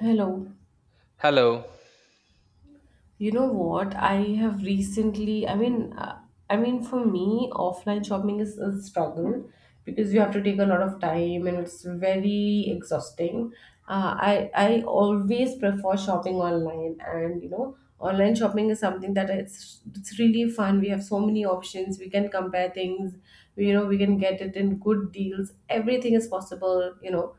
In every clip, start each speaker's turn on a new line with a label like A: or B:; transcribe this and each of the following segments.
A: Hello.
B: Hello.
A: You know what? I have recently, I mean for me, offline shopping is a struggle because you have to take a lot of time and it's very exhausting. I always prefer shopping online, and you know, online shopping is something that it's really fun. We have so many options. We can compare things. We, you know, we can get it in good deals. Everything is possible, you know,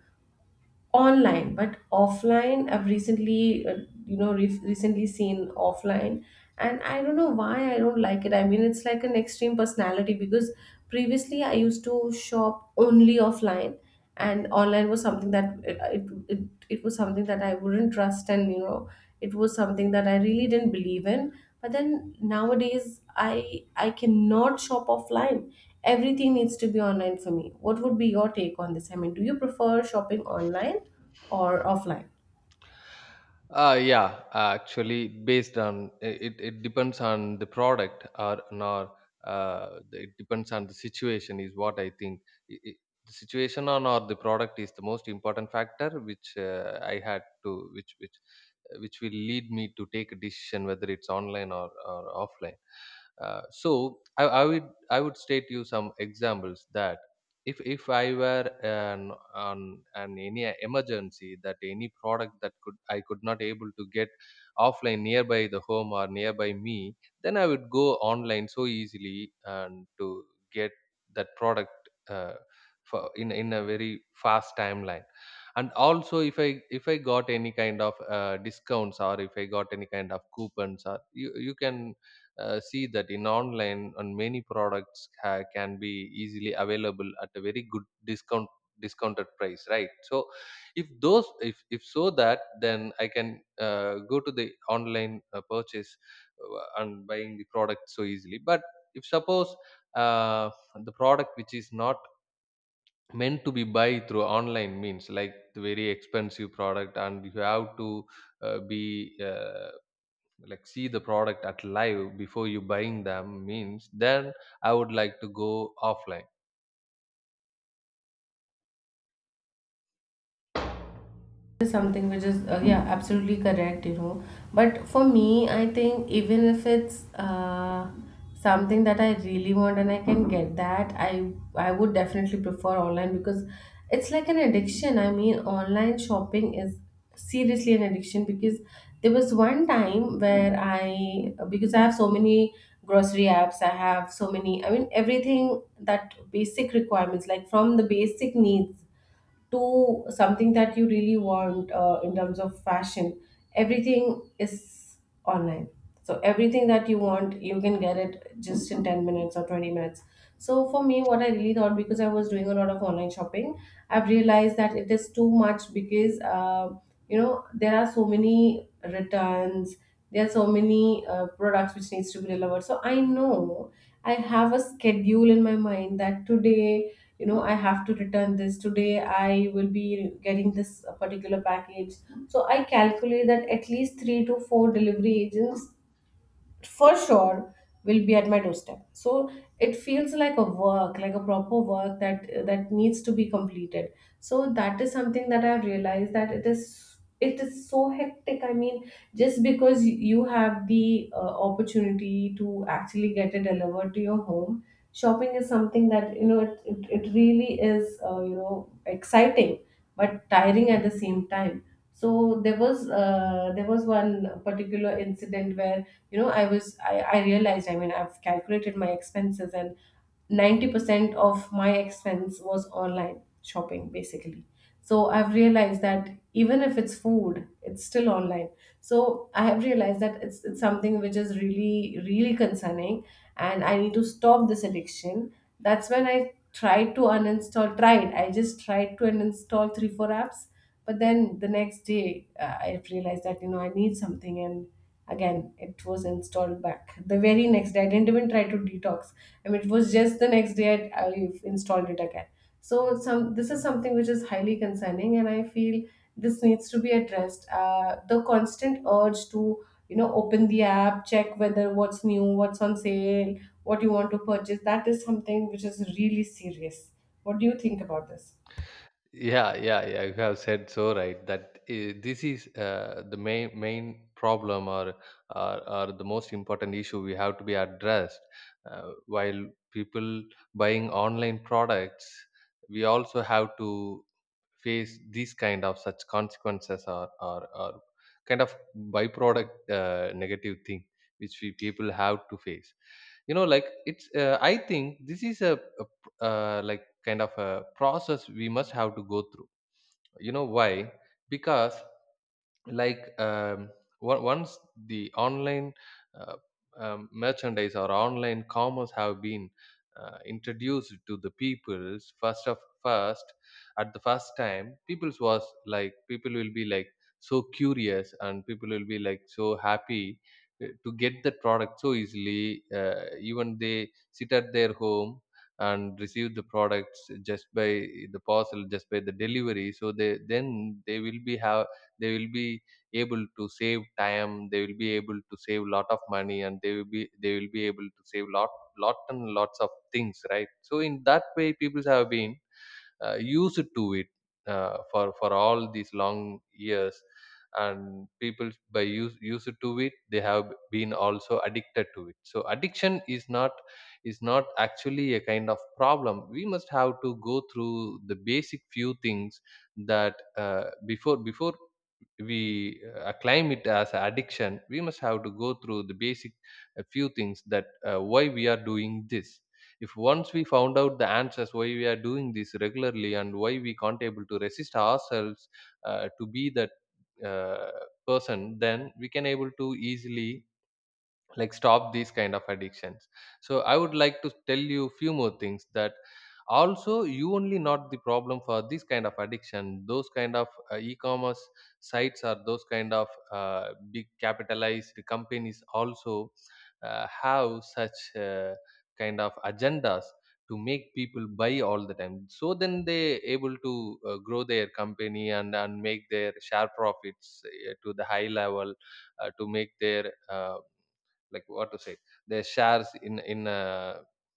A: online. But offline, I've recently you know, recently seen offline, and I don't know why I don't like it. I mean, it's like an extreme personality, because previously I used to shop only offline, and online was something that it was something that I wouldn't trust, and you know, it was something that I really didn't believe in. But then nowadays I cannot shop offline. Everything needs to be online for me. What would be your take on this? I mean, do you prefer shopping online or offline?
B: Yeah, actually, based on it depends on the product or nor, it depends on the situation is what I think. I- i- the situation on or the product is the most important factor, which I had to which will lead me to take a decision whether it's online or offline. So I would state you some examples, that if I were an on an any emergency, that any product that could I could not able to get offline nearby the home or nearby me, then I would go online so easily and to get that product uh, for in a very fast timeline. And also, if I got any kind of discounts, or if I got any kind of coupons, or you can see that in online on many products, can be easily available at a very good discounted price, right? So if those if so that, then I can go to the online purchase and buying the product so easily. But if suppose, uh, the product which is not meant to be buy through online means, like the very expensive product, and you have to be like see the product at live before you buying them means, then I would like to go offline.
A: Is something which is, yeah, absolutely correct, you know. But for me, I think even if it's something that I really want and I can get that, I would definitely prefer online, because it's like an addiction. I mean, online shopping is seriously an addiction, because there was one time where I, because I have so many grocery apps, I have so many, I mean, everything that basic requirements, like from the basic needs to something that you really want, in terms of fashion, everything is online. So everything that you want, you can get it just in 10 minutes or 20 minutes. So for me, what I really thought, because I was doing a lot of online shopping, I've realized that it is too much, because you know, there are so many returns, there are so many products which needs to be delivered. So I know I have a schedule in my mind that today, you know, I have to return this, today I will be getting this particular package. So I calculate that at least 3 to 4 delivery agents for sure will be at my doorstep. So it feels like a work, like a proper work, that needs to be completed. So that is something that I've realized, that it is so hectic. I mean, just because you have the opportunity to actually get it delivered to your home, shopping is something that, you know, it really is, you know, exciting but tiring at the same time. So there was, one particular incident where, you know, I was I realized, I mean, I've calculated my expenses, and 90% of my expense was online shopping basically. So I've realized that even if it's food, it's still online. So I have realized that it's something which is really, really concerning, and I need to stop this addiction. That's when I tried to uninstall, tried I just tried to uninstall 3 4 apps. But then the next day, I realized that, you know, I need something, and again it was installed back the very next day. I didn't even try to detox. I mean, it was just the next day I installed it again. So some this is something which is highly concerning, and I feel this needs to be addressed, the constant urge to, you know, open the app, check whether what's new, what's on sale, what you want to purchase. That is something which is really serious. What do you think about this?
B: Yeah, yeah, yeah. You have said so right, that this is the main problem, or the most important issue we have to be addressed. While people buying online products, we also have to face these kind of such consequences, or kind of byproduct, negative thing which we people have to face. Like, it's I think this is a, like kind of a process we must have to go through. You know why? Because like um, once the online uh, merchandise or online commerce have been introduced to the peoples, first, at the first time, peoples was like, people will be like so curious, and people will be like so happy to get the product so easily, even they sit at their home and receive the products just by the parcel, just by the delivery. So they then they will be have they will be able to save time, they will be able to save lot of money, and they will be able to save lot and lots of things, right? So in that way people have been used to it for all these long years. And people by used to it, they have been also addicted to it. So addiction is not actually a kind of problem. We must have to go through the basic few things, that before we claim it as a addiction, we must have to go through the basic few things, that why we are doing this. If once we found out the answers why we are doing this regularly, and why we can't able to resist ourselves to be that uh, person, then we can able to easily like stop these kind of addictions. So I would like to tell you few more things: that also, you only not the problem for this kind of addiction. Those kind of e-commerce sites, or those kind of big capitalized companies also have such kind of agendas to make people buy all the time. So then they able to grow their company, and make their share profits to the high level, to make their like what to say, their shares in a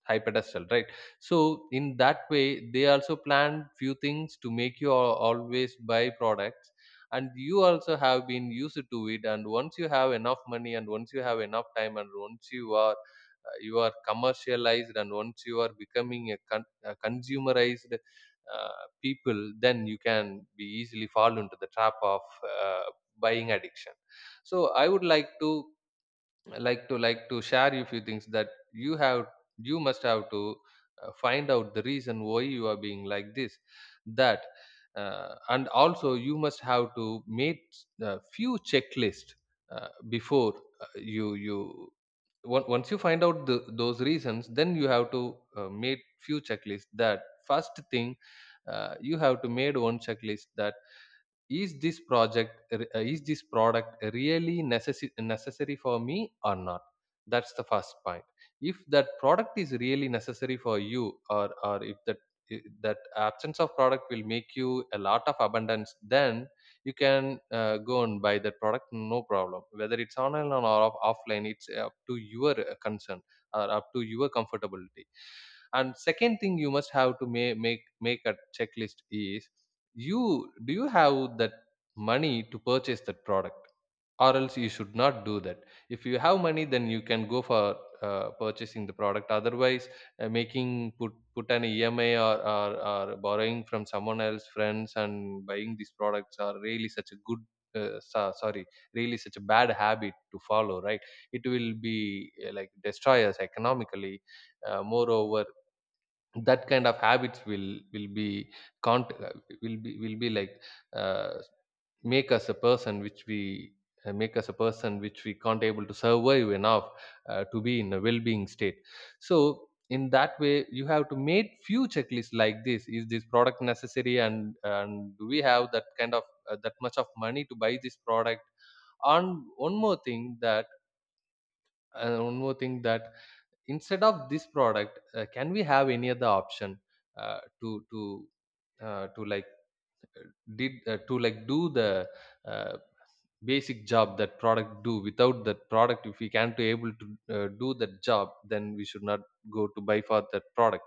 B: high pedestal, right? So in that way they also planned few things to make you always buy products. And you also have been used to it. And once you have enough money, and once you have enough time, and once you are commercialized, and once you are becoming a consumerized people, then you can be easily fall into the trap of uh, buying addiction. So I would like to share you few things, that you must have to find out the reason why you are being like this. That And also, you must have to make a few checklist, before you you on- once you find out those reasons, then you have to make few checklists, that first thing, you have to made one checklist: that is this project is this product really necessary for me or not? That's the first point. If that product is really necessary for you, or if that absence of product will make you a lot of abundance, then you can go and buy that product, no problem. Whether it's online or offline, it's up to your concern, or up to your comfortability. And second thing, you must have to make a checklist is: you do you have that money to purchase that product? Or else you should not do that. If you have money, then you can go for purchasing the product. Otherwise, making put an ema, or borrowing from someone else friends and buying these products are really such a good, sorry, really such a bad habit to follow, right? It will be like destroy us economically. Moreover, that kind of habits will be can't will be like uh, make us a person which we make us a person which we can't able to survive enough to be in a well-being state. So in that way you have to make few checklists, like: this is this product necessary? And do we have that kind of that much of money to buy this product? and one more thing that and one more thing, that instead of this product, can we have any other option uh, to to to like uh, do the uh, basic job that product do without that product? If we can't able to do that job, then we should not go to buy for that product,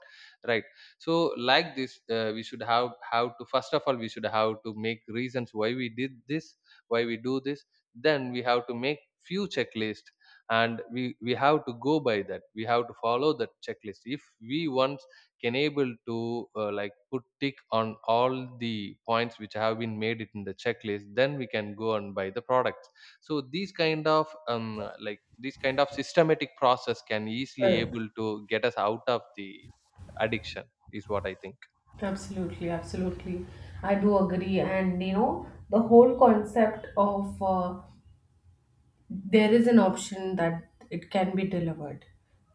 B: right? So like this, we should have to, first of all, we should have to make reasons why we did this, why we do this. Then we have to make few checklist, and we have to go by that. We have to follow that checklist. If we want, can able to like put tick on all the points which have been made it in the checklist, then we can go and buy the products. So these kind of systematic process can easily able to get us out of the addiction, is what I think.
A: Absolutely, absolutely. I do agree. And you know, the whole concept of, there is an option that it can be delivered.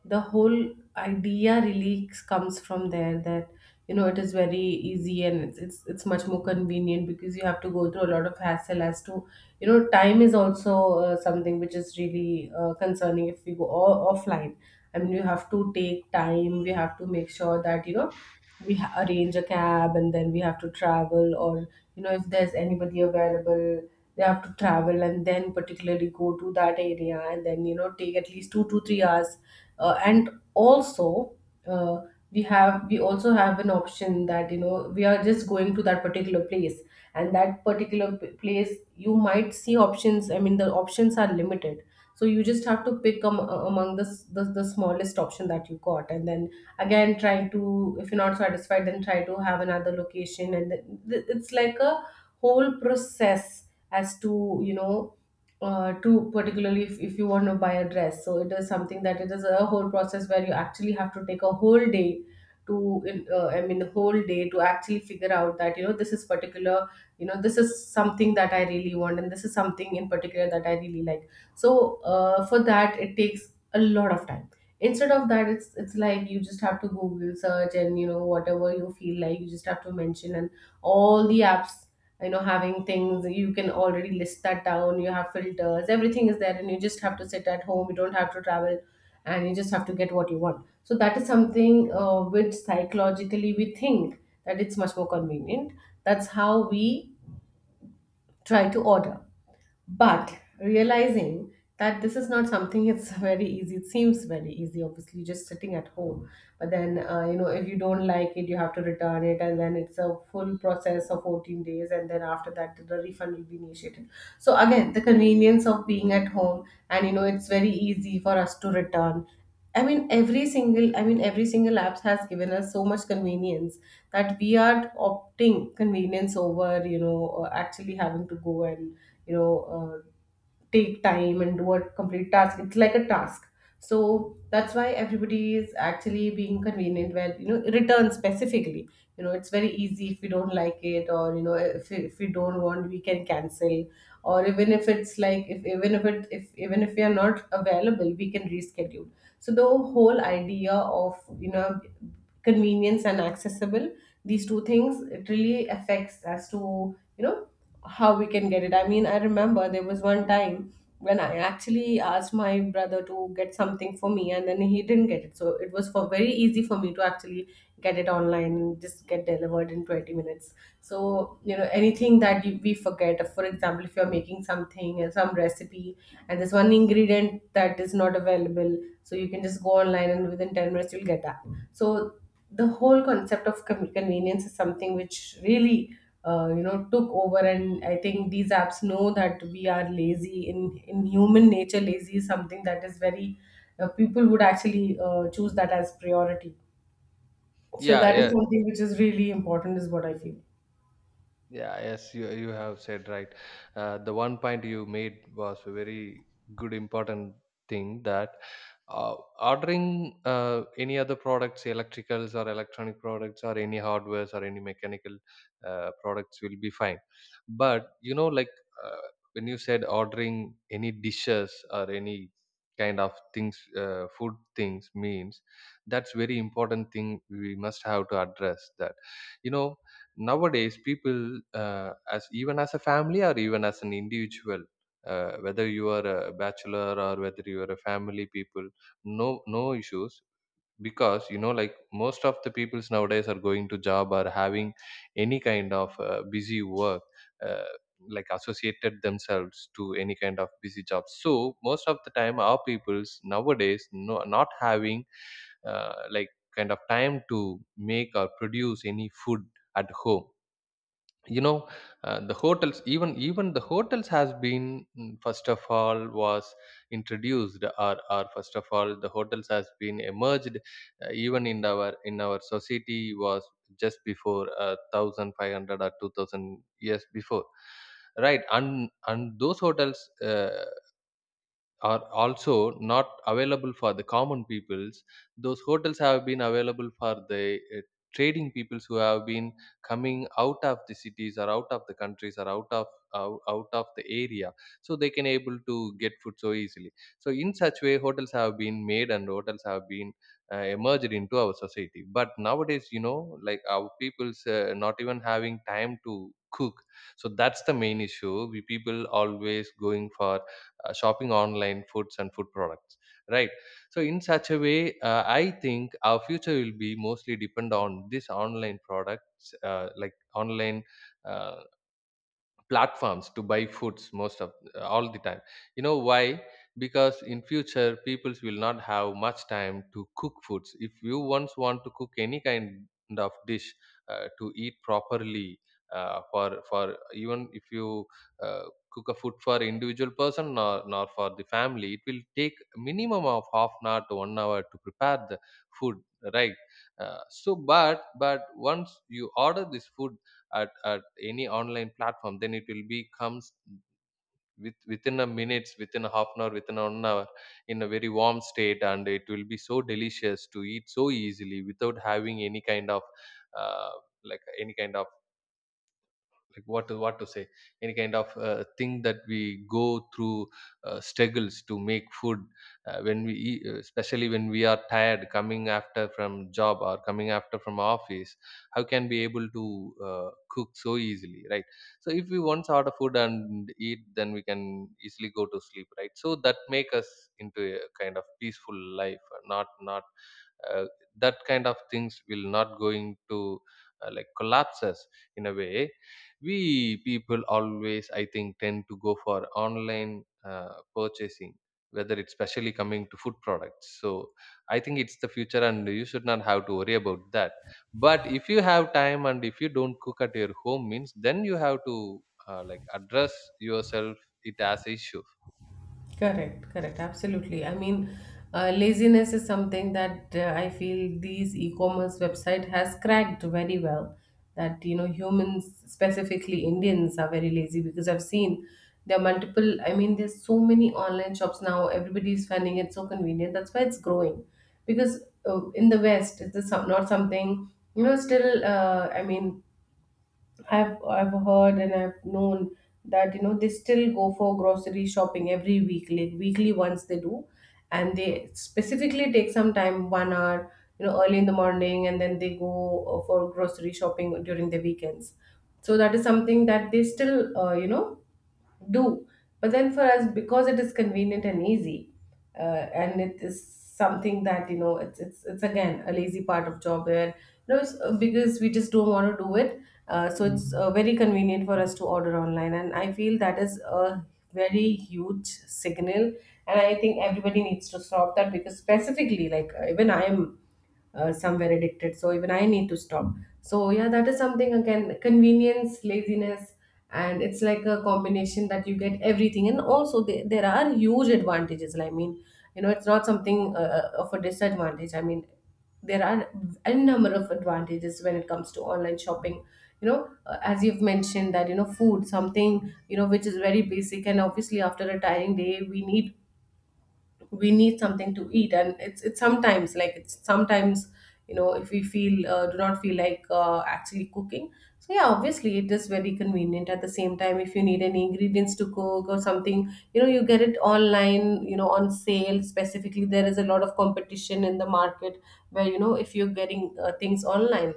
A: The whole idea really comes from there, that you know it is very easy, and it's it's much more convenient, because you have to go through a lot of hassle as to, you know, time is also something which is really concerning if we go offline. I mean, you have to take time. We have to make sure that, you know, we arrange a cab and then we have to travel, or you know, if there's anybody available, they have to travel and then particularly go to that area, and then, you know, take at least 2 to 3 hours, and also uh, we have, we also have an option that, you know, we are just going to that particular place, and that particular place you might see options. I mean, the options are limited. So you just have to pick, among the the smallest option that you got, and then again trying to, if you're not satisfied, then try to have another location, and it's like a whole process as to, you know, to particularly, if you want to buy a dress, so it is something that it is a whole process where you actually have to take a whole day to, I mean, whole day to actually figure out that, you know, this is particular, you know, this is something that I really want, and this is something in particular that I really like. So for that it takes a lot of time. Instead of that, it's like you just have to google search, and you know, whatever you feel like, you just have to mention, and all the apps, you know, having things, you can already list that down, you have filters, everything is there, and you just have to sit at home, you don't have to travel, and you just have to get what you want. So that is something, which psychologically we think that it's much more convenient. That's how we try to order. But realizing that this is not something, it's very easy, it seems very easy, obviously, just sitting at home. But then, you know, if you don't like it, you have to return it, and then it's a full process of 14 days, and then after that, the refund will be initiated. So again, the convenience of being at home, and you know, it's very easy for us to return. I mean, every single, I mean, every single app has given us so much convenience that we are opting convenience over, you know, actually having to go, and you know, take time and do a complete task. It's like a task. So that's why everybody is actually being convenient, where, you know, return specifically, you know, it's very easy if we don't like it, or, you know, if we don't want, we can cancel. Or even if it's like, if even if it if even if we are not available, we can reschedule. So the whole idea of, you know, convenience and accessible, these two things, it really affects as to, you know, how we can get it. I mean, I remember there was one time when I actually asked my brother to get something for me, and then he didn't get it. So it was for very easy for me to actually get it online and just get delivered in 20 minutes. So, you know, anything that we forget, for example, if you're making something and some recipe, and there's one ingredient that is not available, so you can just go online and within 10 minutes you'll get that. So the whole concept of convenience is something which really, you know, took over. And I think these apps know that we are lazy in human nature. Lazy is something that is very, people would actually choose that as priority. So
B: Yeah.
A: that is
B: Yeah.
A: something which is really important, is what I feel.
B: Yeah, yes, you have said right. The one point you made was a very good important thing, that ordering any other products, electricals or electronic products, or any hardwares or any mechanical products, will be fine. But when you said ordering any dishes or any kind of things, food things means, that's very important thing we must have to address that. You know Nowadays people, as even as a family or even as an individual, whether you are a bachelor or whether you are a family people, no issues. Because most of the peoples nowadays are going to job or having any kind of busy work, uh, like associated themselves to any kind of busy job. So most of the time our peoples nowadays, not having uh, like kind of time to make or produce any food at home. you know the hotels, even the hotels has been, first of all, was introduced, or first of all the hotels has been emerged even in our society, was just before 1,500 or 2,000 years before, right? And those hotels are also not available for the common peoples. Those hotels have been available for the trading peoples who have been coming out of the cities, or out of the countries, or out of the area. So they can able to get food so easily. So in such way hotels have been made, and hotels have been emerged into our society. But nowadays, our people's not even having time to cook. So that's the main issue we people always going for shopping online foods and food products, right? So in such a way, I think our future will be mostly depend on this online products, like online uh, platforms to buy foods most of all the time. You know why? Because in future peoples will not have much time to cook foods if you once want to cook any kind of dish to eat properly, for even if you uh, cook a food for individual person, nor for the family. It will take minimum of half an hour to 1 hour to prepare the food, right? So but once you order this food at any online platform, then it will be comes with within a minutes, within a half an hour, within an hour, in a very warm state, and it will be so delicious to eat so easily without having any kind of uh, like any kind of, like, what to say, any kind of thing that we go through, struggles to make food when we eat, especially when we are tired coming after from job or coming after from office. How can we able to cook so easily, right? So if we once order food and eat, then we can easily go to sleep, right? So that make us into a kind of peaceful life. Not uh, that kind of things will not going to like collapse us in a way. We people always, I think, tend to go for online purchasing, whether it's specially coming to food products. So I think it's the future and you should not have to worry about that. But if you have time and if you don't cook at your home means, then you have to like address yourself it as issue.
A: Correct, correct, absolutely. I mean, laziness is something that, I feel these e-commerce website has cracked very well. That, you know, humans, specifically Indians, are very lazy, because I've seen there are multiple. I mean, there's so many online shops now. Everybody is finding it so convenient. That's why it's growing, because in the West, it's not something, you know. Still, I mean, I've heard and I've known that, you know, they still go for grocery shopping every week, like weekly once they do, and they specifically take some time, 1 hour, you know, early in the morning, and then they go for grocery shopping during the weekends. So that is something that they still, do. But then for us, because it is convenient and easy, uh, and it is something that, you know, it's again a lazy part of job where, you know, because we just don't want to do it. So it's very convenient for us to order online, and I feel that is a very huge signal. And I think everybody needs to stop that, because specifically, like, even I'm somewhere addicted, so even I need to stop. So yeah, that is something again, convenience, laziness, and it's like a combination that you get everything. And also there are huge advantages, I mean, you know, it's not something of a disadvantage. I mean, there are a number of advantages when it comes to online shopping. You know, as you've mentioned, that you know, food, something, you know, which is very basic, and obviously after a tiring day we need, we need something to eat. And it's sometimes, like, it's sometimes, you know, if we feel, do not feel like actually cooking. So yeah, obviously it is very convenient. At the same time, if you need any ingredients to cook or something, you know, you get it online, you know, on sale specifically. There is a lot of competition in the market, where you know, if you're getting things online,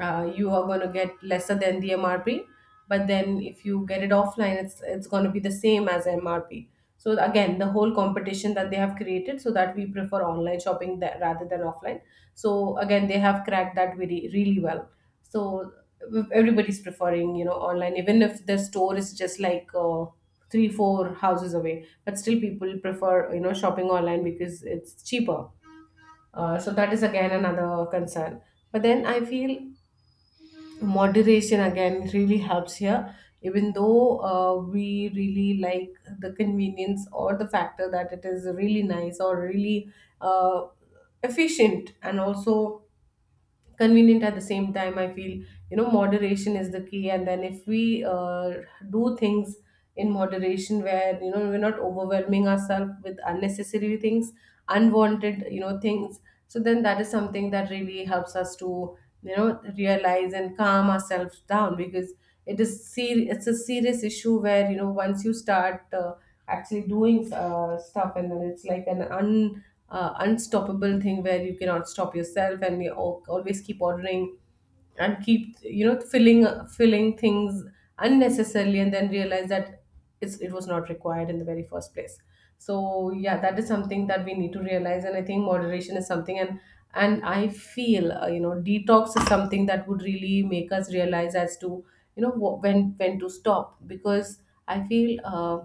A: you are going to get lesser than the MRP. But then if you get it offline, it's going to be the same as MRP. So again, the whole competition that they have created, so that we prefer online shopping, that, rather than offline. So again, they have cracked that really really well. So everybody's preferring, you know, online, even if the store is just like, three four houses away, but still people prefer, you know, shopping online because it's cheaper. So that is again another concern. But then I feel moderation again really helps here. Even though, we really like the convenience, or the factor that it is really nice, or really uh, efficient, and also convenient at the same time, I feel, you know, moderation is the key. And then if we do things in moderation, where you know, we're not overwhelming ourselves with unnecessary things, unwanted, you know, things, so then that is something that really helps us to, you know, realize and calm ourselves down. Because it is it's a serious issue, where you know, once you start actually doing stuff, and then it's like an un unstoppable thing where you cannot stop yourself, and we always keep ordering and keep, you know, filling things unnecessarily, and then realize that it was not required in the very first place. So yeah, that is something that we need to realize. And I think moderation is something, and I feel, you know, detox is something that would really make us realize as to, you know, when to stop. Because I feel, uh,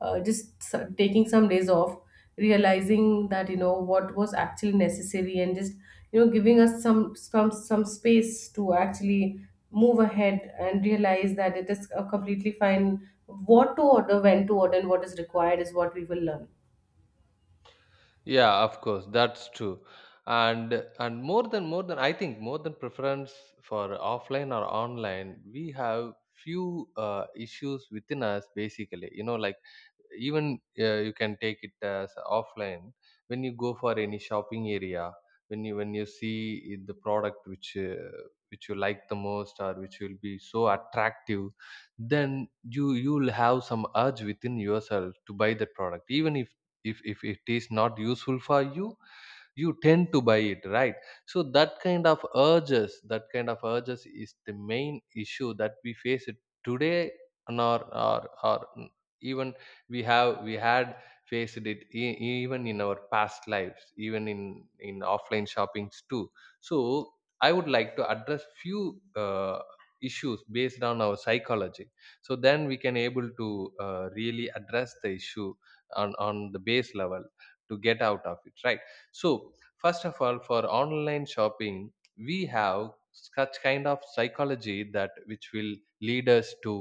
A: uh, just taking some days off, realizing that you know what was actually necessary, and just, you know, giving us some space to actually move ahead, and realize that it is completely fine, what to order, when to order, and what is required, is what we will learn.
B: Yeah, of course, that's true. And more than I think more than preference for offline or online, we have few issues within us basically. You know, like, even you can take it as offline. When you go for any shopping area, when you the product which you like the most, or which will be so attractive, then you'll have some urge within yourself to buy that product. Even if it is not useful for you, you tend to buy it, right? So that kind of urges, that kind of urges is the main issue that we face it today. And even we had faced it even in our past lives even in offline shoppings too. So I would like to address few issues based on our psychology, so then we can able to really address the issue on the base level to get out of it, right? So, first of all, for online shopping, we have such kind of psychology that which will lead us to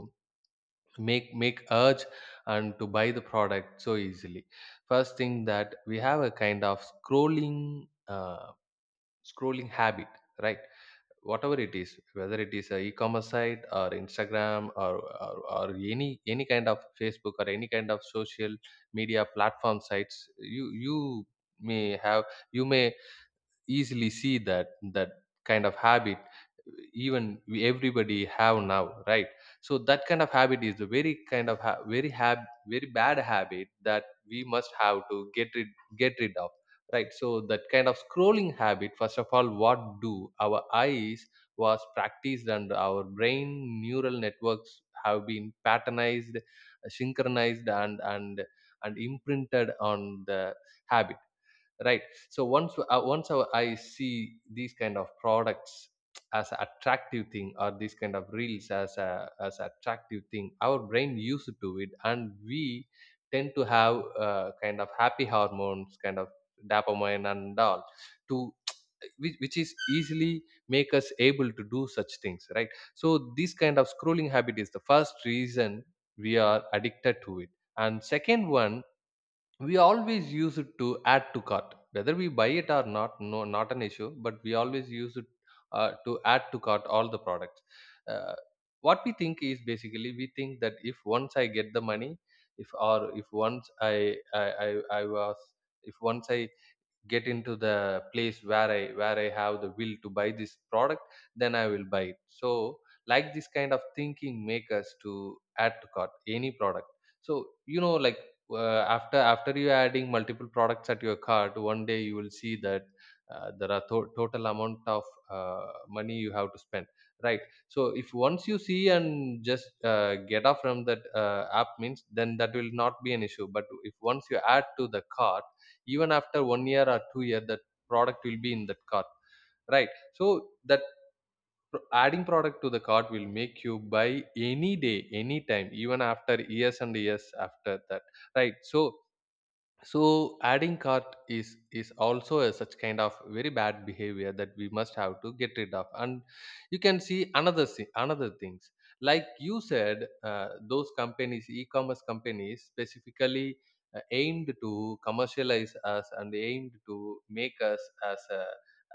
B: make urge and to buy the product so easily. First thing, that we have a kind of scrolling, scrolling habit, right? Whatever it is, whether it is a e-commerce site or Instagram, or any kind of Facebook or any kind of social media platform sites, may have you may easily see that that kind of habit, even we, everybody have now, right? So that kind of habit is a very kind of ha- very hab- very bad habit that we must have to get rid of, right? So that kind of scrolling habit, first of all, what do our eyes was practiced, and our brain neural networks have been patternized, synchronized, and imprinted on the habit, right? So once I see these kind of products as a attractive thing, or these kind of reels as a attractive thing, our brain used to it, and we tend to have kind of happy hormones, kind of dopamine and all, to which is easily make us able to do such things, right? So this kind of scrolling habit is the first reason we are addicted to it. And second one, we always use it to add to cart, whether we buy it or not, no, not an issue, but we always use it to add to cart all the products. uh, what we think is basically, we think that if once I get the money, if, or if once I was, if once I get into the place where I where I have the will to buy this product, then I will buy it. So like, this kind of thinking make us to add to cart any product. So, you know, like, after you adding multiple products at your cart, one day you will see that there are total amount of uh, money you have to spend, right? So if once you see and just get off from that app means, then that will not be an issue. But if once you add to the cart, even after 1 year or 2 year, that product will be in that cart, right? So that adding product to the cart will make you buy any day, any time, even after years and years after that, right? So, adding cart is also a such kind of very bad behavior that we must have to get rid of. And you can see another things. Like you said, those companies, e-commerce companies specifically, aimed to commercialize us, and aimed to make us as a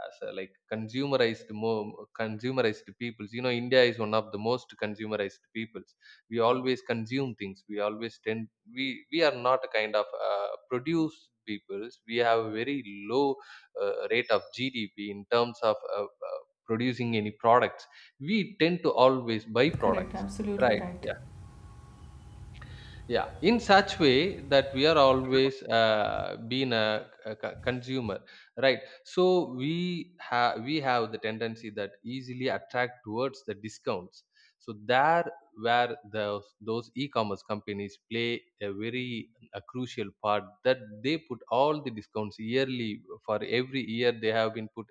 B: as a like consumerized, more consumerized peoples. You know, India is one of the most consumerized peoples. We always consume things, we always tend, we we are not a kind of produce peoples. We have a very low rate of GDP in terms of producing any products. We tend to always buy
A: Correct,
B: products,
A: absolutely
B: right?
A: right.
B: Yeah, yeah, in such way that we are always being a, consumer, right? So we have the tendency that easily attract towards the discounts. So there where the, those e-commerce companies play a very a crucial part, that they put all the discounts yearly, for every year they have been put,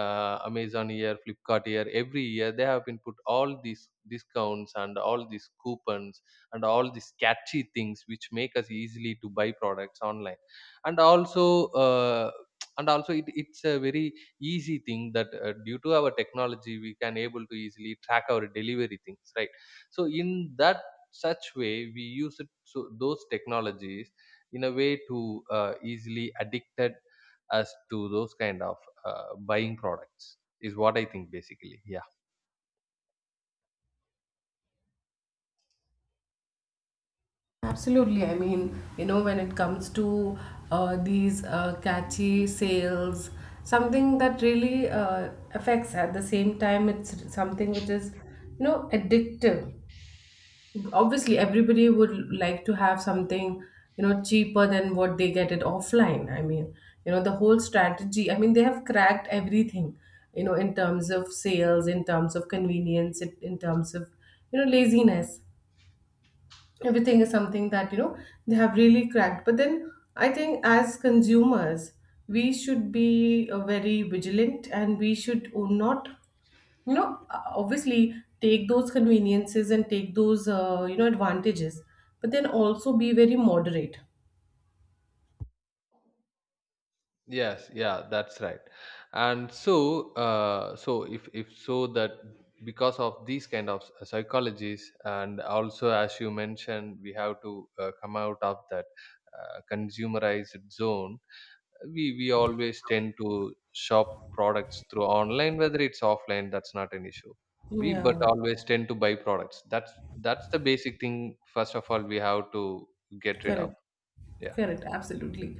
B: Amazon year, Flipkart year, every year they have been put all these discounts and all these coupons and all these catchy things which make us easily to buy products online. And also uh, and also it's a very easy thing that due to our technology, we can able to easily track our delivery things, right? So in that such way we use it, so those technologies in a way to easily addicted us to those kind of buying products, is what I think basically, yeah.
A: Absolutely. I mean, you know, when it comes to these catchy sales, something that really affects, at the same time it's something which is, you know, addictive. Obviously, everybody would like to have something, you know, cheaper than what they get it offline. I mean, you know, the whole strategy, I mean, they have cracked everything, you know, in terms of sales, in terms of convenience, in terms of, you know, laziness. Everything is something that, you know, they have really cracked. But then I think as consumers we should be very vigilant, and we should not, you know, obviously take those conveniences and take those, you know, advantages, but then also be very moderate.
B: Yes, yeah, that's right. And so, so if so that, because of these kind of psychologies, and also as you mentioned, we have to come out of that consumerized zone. We always tend to shop products through online, whether it's offline. That's not an issue. We but
A: Yeah,
B: always tend to buy products. That's the basic thing first of all we have to get rid of.
A: correct.
B: Yeah,
A: Correct, absolutely.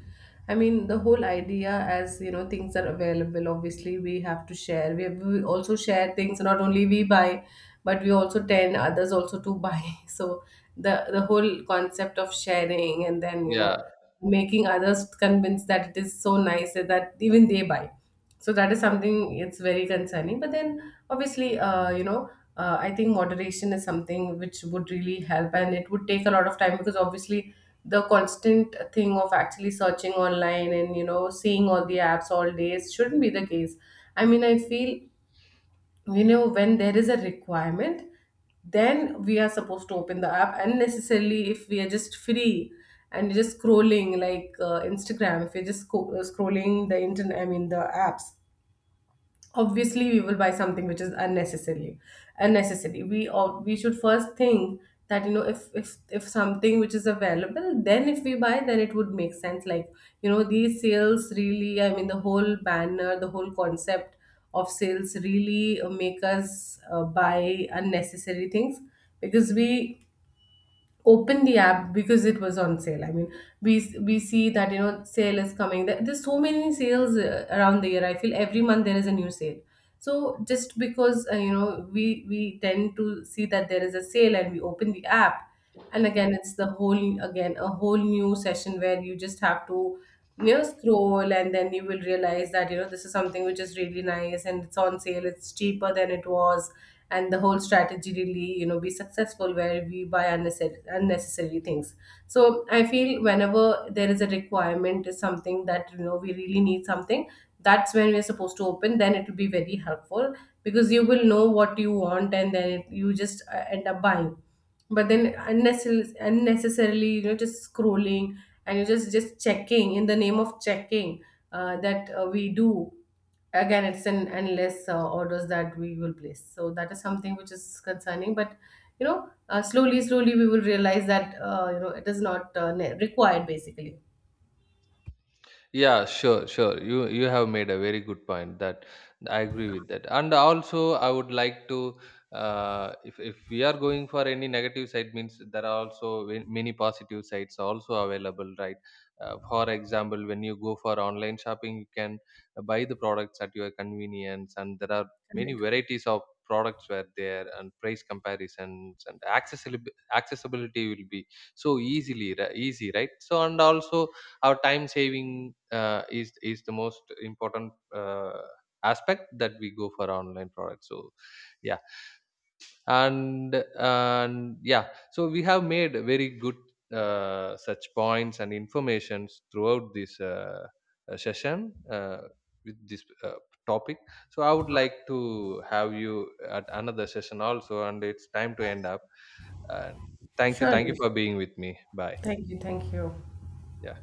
A: I mean, the whole idea, as you know, things are available. Obviously, we have to share. We also share things. Not only we buy, but we also tend others also to buy. So the whole concept of sharing, and then you know,
B: yeah.
A: making others convinced that it is so nice that even they buy. So that is something, it's very concerning. But then obviously, you know, I think moderation is something which would really help. And it would take a lot of time, because obviously the constant thing of actually searching online, and you know, seeing all the apps all day, shouldn't be the case. I mean, I feel, you know, when there is a requirement, then we are supposed to open the app. Unnecessarily, if we are just free and just scrolling, like, Instagram, if you're just scrolling the internet, I mean the apps, obviously we will buy something which is unnecessary. Unnecessary, we should first think that, you know, if if something which is available, then if we buy, then it would make sense. Like, you know, these sales really, I mean the whole banner, the whole concept of sales really make us buy unnecessary things. Because we open the app because it was on sale. I mean, we see that, you know, sale is coming. There's so many sales around the year. I feel every month there is a new sale. So just because you know, we tend to see that there is a sale, and we open the app, and again it's the whole again a whole new session, where you just have to, you know, scroll. And then you will realize that, you know, this is something which is really nice, and it's on sale, it's cheaper than it was. And the whole strategy really, you know, be successful, where we buy unnecessary unnecessary things. So I feel, whenever there is a requirement, is something that you know we really need something, that's when we're supposed to open, then it will be very helpful. Because you will know what you want, and then it, you just end up buying. But then unnecessarily unnecessarily, you know, just scrolling, and you just checking in the name of checking, that we do, again it's an endless orders that we will place. So that is something which is concerning. But you know, slowly slowly we will realize that, you know, it is not required basically.
B: Yeah, sure, sure. You have made a very good point that I agree with that. And also, I would like to, if we are going for any negative side, means there are also many positive sides also available, right? For example, when you go for online shopping, you can buy the products at your convenience, and there are many
A: Correct.
B: varieties of products were there, and price comparisons and accessibility will be so easily, easy, right? So, and also our time saving is the most important aspect that we go for online products. So yeah. And yeah, so we have made very good such points and informations throughout this session with this topic. So I would like to have you at another session also, and it's time to end up. And thank you
A: Surely,
B: for being with me. Bye.
A: thank you, thank you.
B: Yeah.